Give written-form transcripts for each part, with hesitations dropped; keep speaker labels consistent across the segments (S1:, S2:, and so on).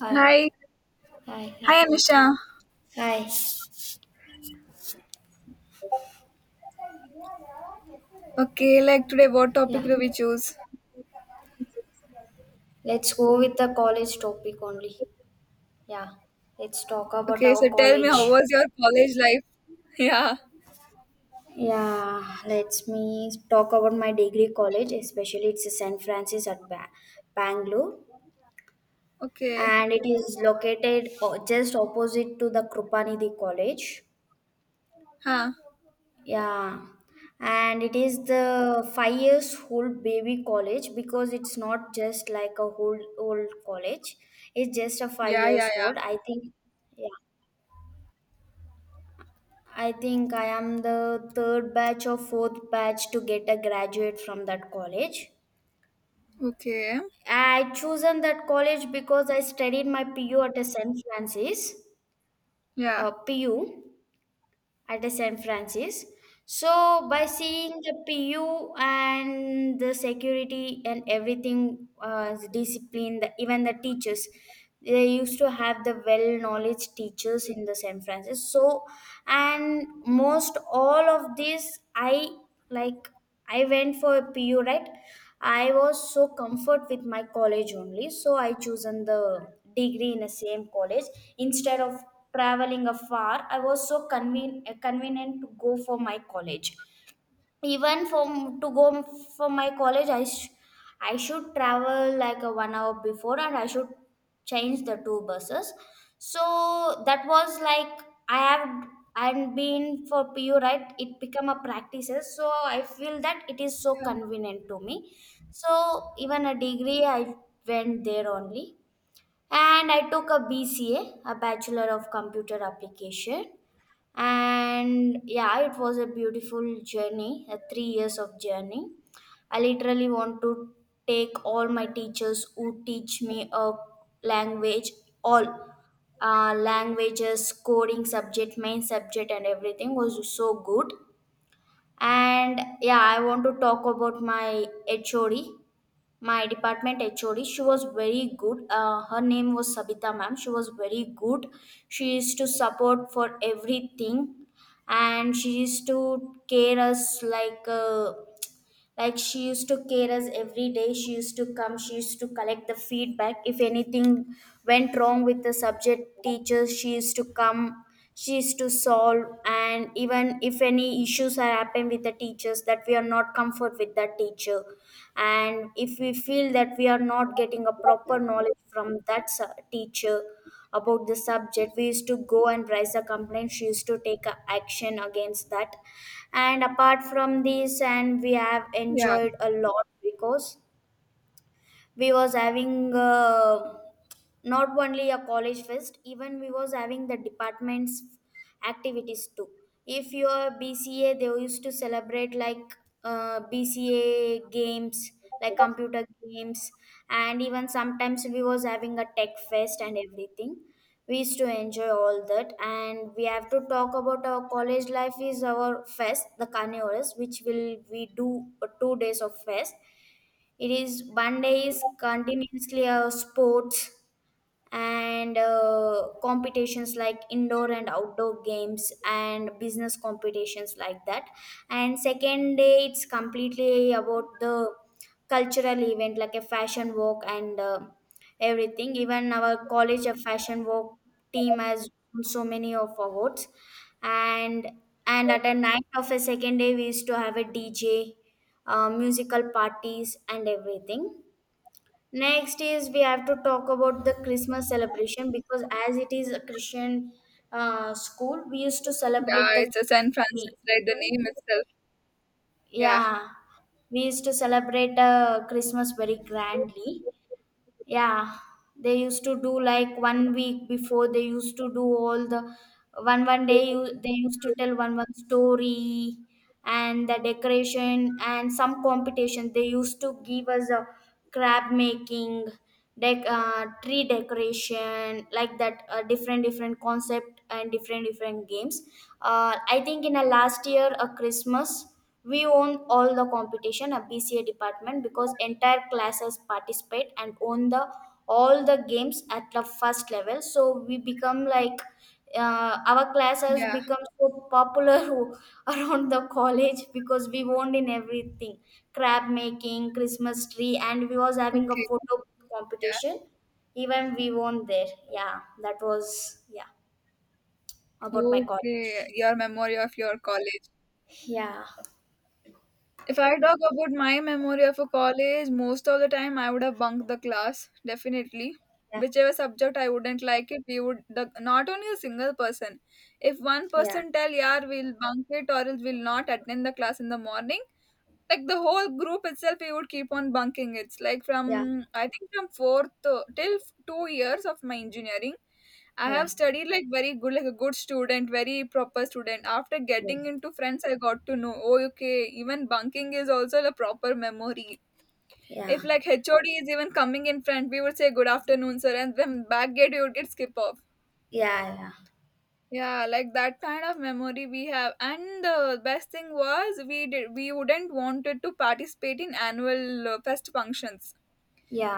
S1: Hi,
S2: Hi,
S1: hi,
S2: hi
S1: hi,
S2: Anusha.
S1: hi.
S2: Okay, like today, what topic
S1: Yeah,
S2: do we choose?
S1: let's go with the college topic only. Yeah, let's talk about
S2: Okay, so
S1: our
S2: tell me, how
S1: college.
S2: was your college life? Yeah.
S1: Yeah, let me talk about my degree college, especially it's a St. Francis at Bangalore,
S2: Okay.
S1: and it is located just opposite to the Krupanidhi College.
S2: Huh.
S1: Yeah, and it is the 5 years old baby college because it's not just like a old college. It's just a five
S2: Yeah, yeah,
S1: years
S2: yeah.
S1: old. I think, yeah, I think I am the third batch or fourth batch to get a graduate from that college.
S2: Okay.
S1: I chosen that college because I studied my PU at a St. Francis,
S2: Yeah.
S1: PU. At a San Francis. So by seeing the PU and the security and everything, the discipline, even the teachers, they used to have the well knowledge teachers in the San Francisco. So and most all of this, I like. I went for a PU, right? I was so comfort with my college only, so I chosen the degree in the same college instead of traveling afar. I was so convenient to go for my college, even for to go for my college, I should travel like a one hour before, and I should change the two buses. So that was like i have I've been for PU, right? It become a practices, so I feel that it is so
S2: Yeah.
S1: convenient to me. So even a degree I went there only, and I took a BCA, a Bachelor of Computer Application. And yeah, it was a beautiful journey, a 3 years of journey. I literally want to take all my teachers who teach me a language, all, languages, coding subject, main subject, and everything was so good. And yeah, I want to talk about my HOD, my department hod. She was very good. Her name was Sabita ma'am. She was very good. She used to support for everything, and she used to care us like, like she used to care us every day. She used to come. She used to collect the feedback. If anything went wrong with the subject teachers, she used to come. She used to solve. And even if any issues are happen with the teachers that we are not comfort with that teacher, and if we feel that we are not getting a proper knowledge from that teacher, about the subject, we used to go and raise a complaint. She used to take a action against that. And apart from this, and we have
S2: Yeah.
S1: enjoyed a lot because we was having, not only a college fest, even we was having the departments activities too. If your bca, they used to celebrate like, bca games, like computer games. And even sometimes we was having a tech fest and everything. We used to enjoy all that. And we have to talk about our college life is our fest, the carnivores, which will we do, 2 days of fest. It is one day is continuously a sports, and competitions like indoor and outdoor games and business competitions like that. And second day it's completely about the cultural event like a fashion walk, and everything. Even our college of fashion walk team has won so many of awards. And and at a night of a second day, we used to have a DJ, musical parties and everything. Next is we have to talk about the Christmas celebration, because as it is a Christian school, we used to
S2: Yeah.
S1: celebrate the
S2: It's a San Francisco,
S1: we-
S2: right? The name itself. Yeah.
S1: yeah, we used to celebrate, Christmas very grandly. Yeah, they used to do like one week before. They used to do all the one day you, they used to tell one story and the decoration. And some competition, they used to give us a crab making, tree decoration like that, different different concept and different different games. I think in a last year a christmas, we own all the competition at BCA department because entire classes participate and own the all the games at the first level. So we become like, our class has
S2: Yeah.
S1: become so popular around the college because we won in everything. Crab making, christmas tree, and we was having a
S2: Okay.
S1: photo
S2: Yeah.
S1: competition, even we won there. Yeah, that was, yeah, about my
S2: Okay.
S1: college.
S2: Your memory of your college.
S1: Yeah,
S2: If I talk about my memory of a college, most of the time I would have bunked the class, definitely. Whichever subject I wouldn't like it, not only a single person. If one
S1: yeah,
S2: person tell, "Yeah, we'll bunk it," or else we'll not attend the class in the morning. Like the whole group itself, we would keep on bunking. It's like
S1: yeah.
S2: from I think from fourth to, 2 years of my engineering I have
S1: Yeah.
S2: studied like very good, like a good student, very proper student. After
S1: Yeah,
S2: getting into friends, I got to know, oh, okay, even bunking is also a proper memory.
S1: yeah.
S2: If like HOD is even coming in front, we would say good afternoon, sir, and then back gate you would get skip off.
S1: Yeah, yeah,
S2: Yeah, like that kind of memory we have. And the best thing was we did we wouldn't wanted to participate in annual fest functions.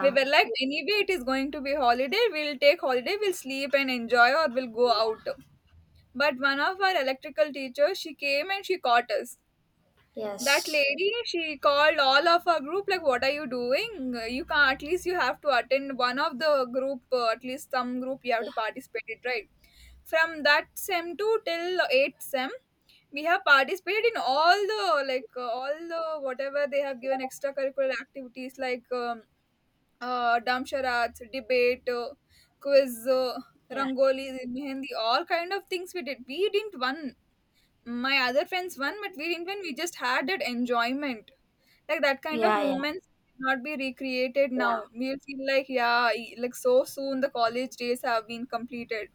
S2: We were like anyway, it is going to be holiday. We'll take holiday. We'll sleep and enjoy, or we'll go out. But one of our electrical teachers, she came and she caught us. That
S1: yes,
S2: lady, she called all of our group, like, what are you doing? You can't, at least you have to attend one of the group, at least some group you have to participate it, right? From that sem 2 till 8th sem, we have participated in all the, like, all the, whatever they have given extracurricular activities, like dumb charades, debate, quiz,
S1: yeah,
S2: rangoli, mehendi, all kind of things we did. We didn't win my other friends won, but we didn't win. We just had that enjoyment. Like that kind of
S1: yeah, yeah,
S2: moments cannot be recreated now. We'll feel like yeah, like so soon the college days have been completed.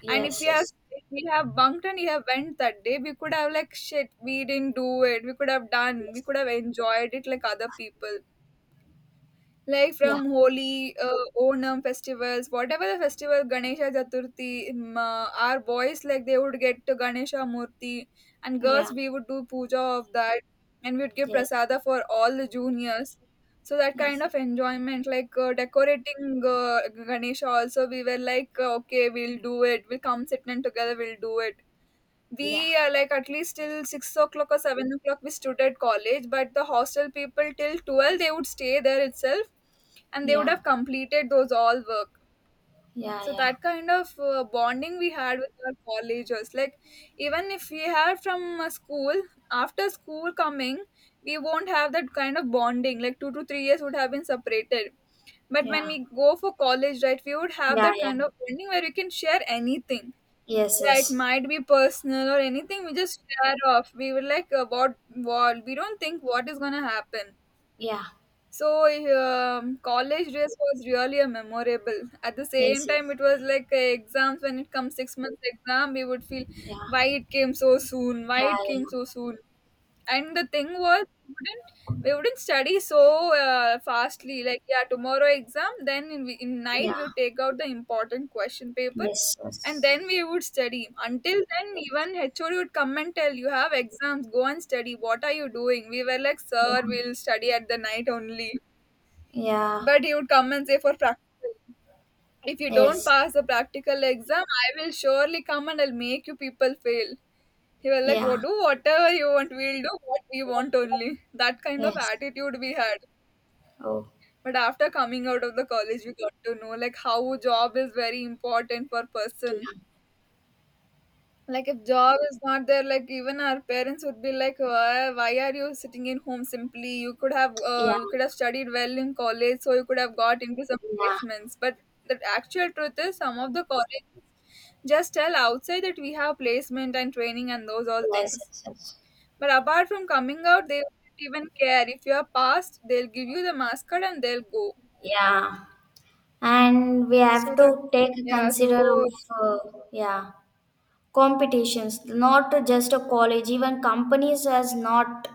S1: yeah,
S2: And if we
S1: yes,
S2: have
S1: yes,
S2: if we have bunked an event that day, we could have like shit. We didn't do it. We could have done. We
S1: yes,
S2: could have enjoyed it like other people. Like
S1: yeah,
S2: from Holi, Onam festivals, whatever the festival, Ganesha Chaturthi, our boys like they would get to Ganesha Murti, and girls
S1: yeah,
S2: we would do puja of that, and we'd give
S1: yes,
S2: prasada for all the juniors. So that kind
S1: yes,
S2: of enjoyment, like decorating Ganesha, also we were like, okay, we'll do it. We'll come sit and together, we'll do it
S1: yeah,
S2: we, like, at least till 6 o'clock or 7 o'clock, we stood at college, but the hostel people till 12, they would stay there itself and they would
S1: yeah,
S2: have completed those all work.
S1: yeah,
S2: So
S1: yeah,
S2: that kind of bonding we had with our collegers, like even if we had from school, after school coming, we won't have that kind of bonding. Like 2 to 3 years would have been separated, but when
S1: yeah,
S2: we go for college, right, we would have
S1: yeah,
S2: that
S1: yeah,
S2: kind of bonding where we can share anything.
S1: yes, yes, yeah, yes, yes, yeah, yeah, yeah, yeah, yes, yes, yeah,
S2: Yeah, it
S1: yes,
S2: might be personal or anything we just share off. We were like what we don't think what is gonna happen.
S1: yeah, yes, yeah, yeah, yeah,
S2: So college days was really a memorable, at the same time it was like exams. When it comes 6 months exam we would feel why it came so soon, why it came so soon. And the thing was, we wouldn't study so fastly. Like yeah, tomorrow exam. Then in night we would take out the important question paper,
S1: yes,
S2: and
S1: yes,
S2: then we would study. Until then, even HOD would come and tell you have exams. Go and study. What are you doing? We were like, sir, we'll study at the night only. But he would come and say for practical. If you don't pass the practical exam, I will surely come and I'll make you people fail. He was like, "Oh, do whatever you want. We'll do what we want only." That kind of attitude we had. But after coming out of the college, we got to know like how job is very important for person. Like if job is not there, like even our parents would be like, why are you sitting in home simply? You could have studied well in college, so you could have got into some placements." But the actual truth is, some of the colleges just tell outside that we have placement and training and those all things.
S1: yes,
S2: But apart from coming out, they don't even care. If you are passed, they'll give you the mascot and they'll go.
S1: yeah, and we
S2: So
S1: have
S2: that,
S1: to take
S2: yeah,
S1: consider
S2: so
S1: of, yeah. Competitions, not just a college, even companies as not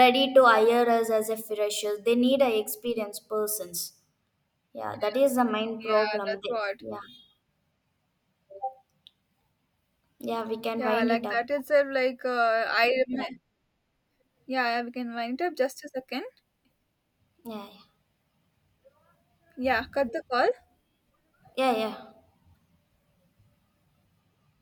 S1: ready to hire us as a freshers. They need a experienced persons. Yeah, that is the main
S2: yeah,
S1: problem
S2: that's
S1: they.
S2: what.
S1: Yeah, yeah, we can
S2: Yeah,
S1: wind
S2: like
S1: it up.
S2: that itself, like
S1: Yeah,
S2: yeah, we can wind up just a second.
S1: yeah, yeah.
S2: Yeah, cut the call.
S1: Yeah, yeah.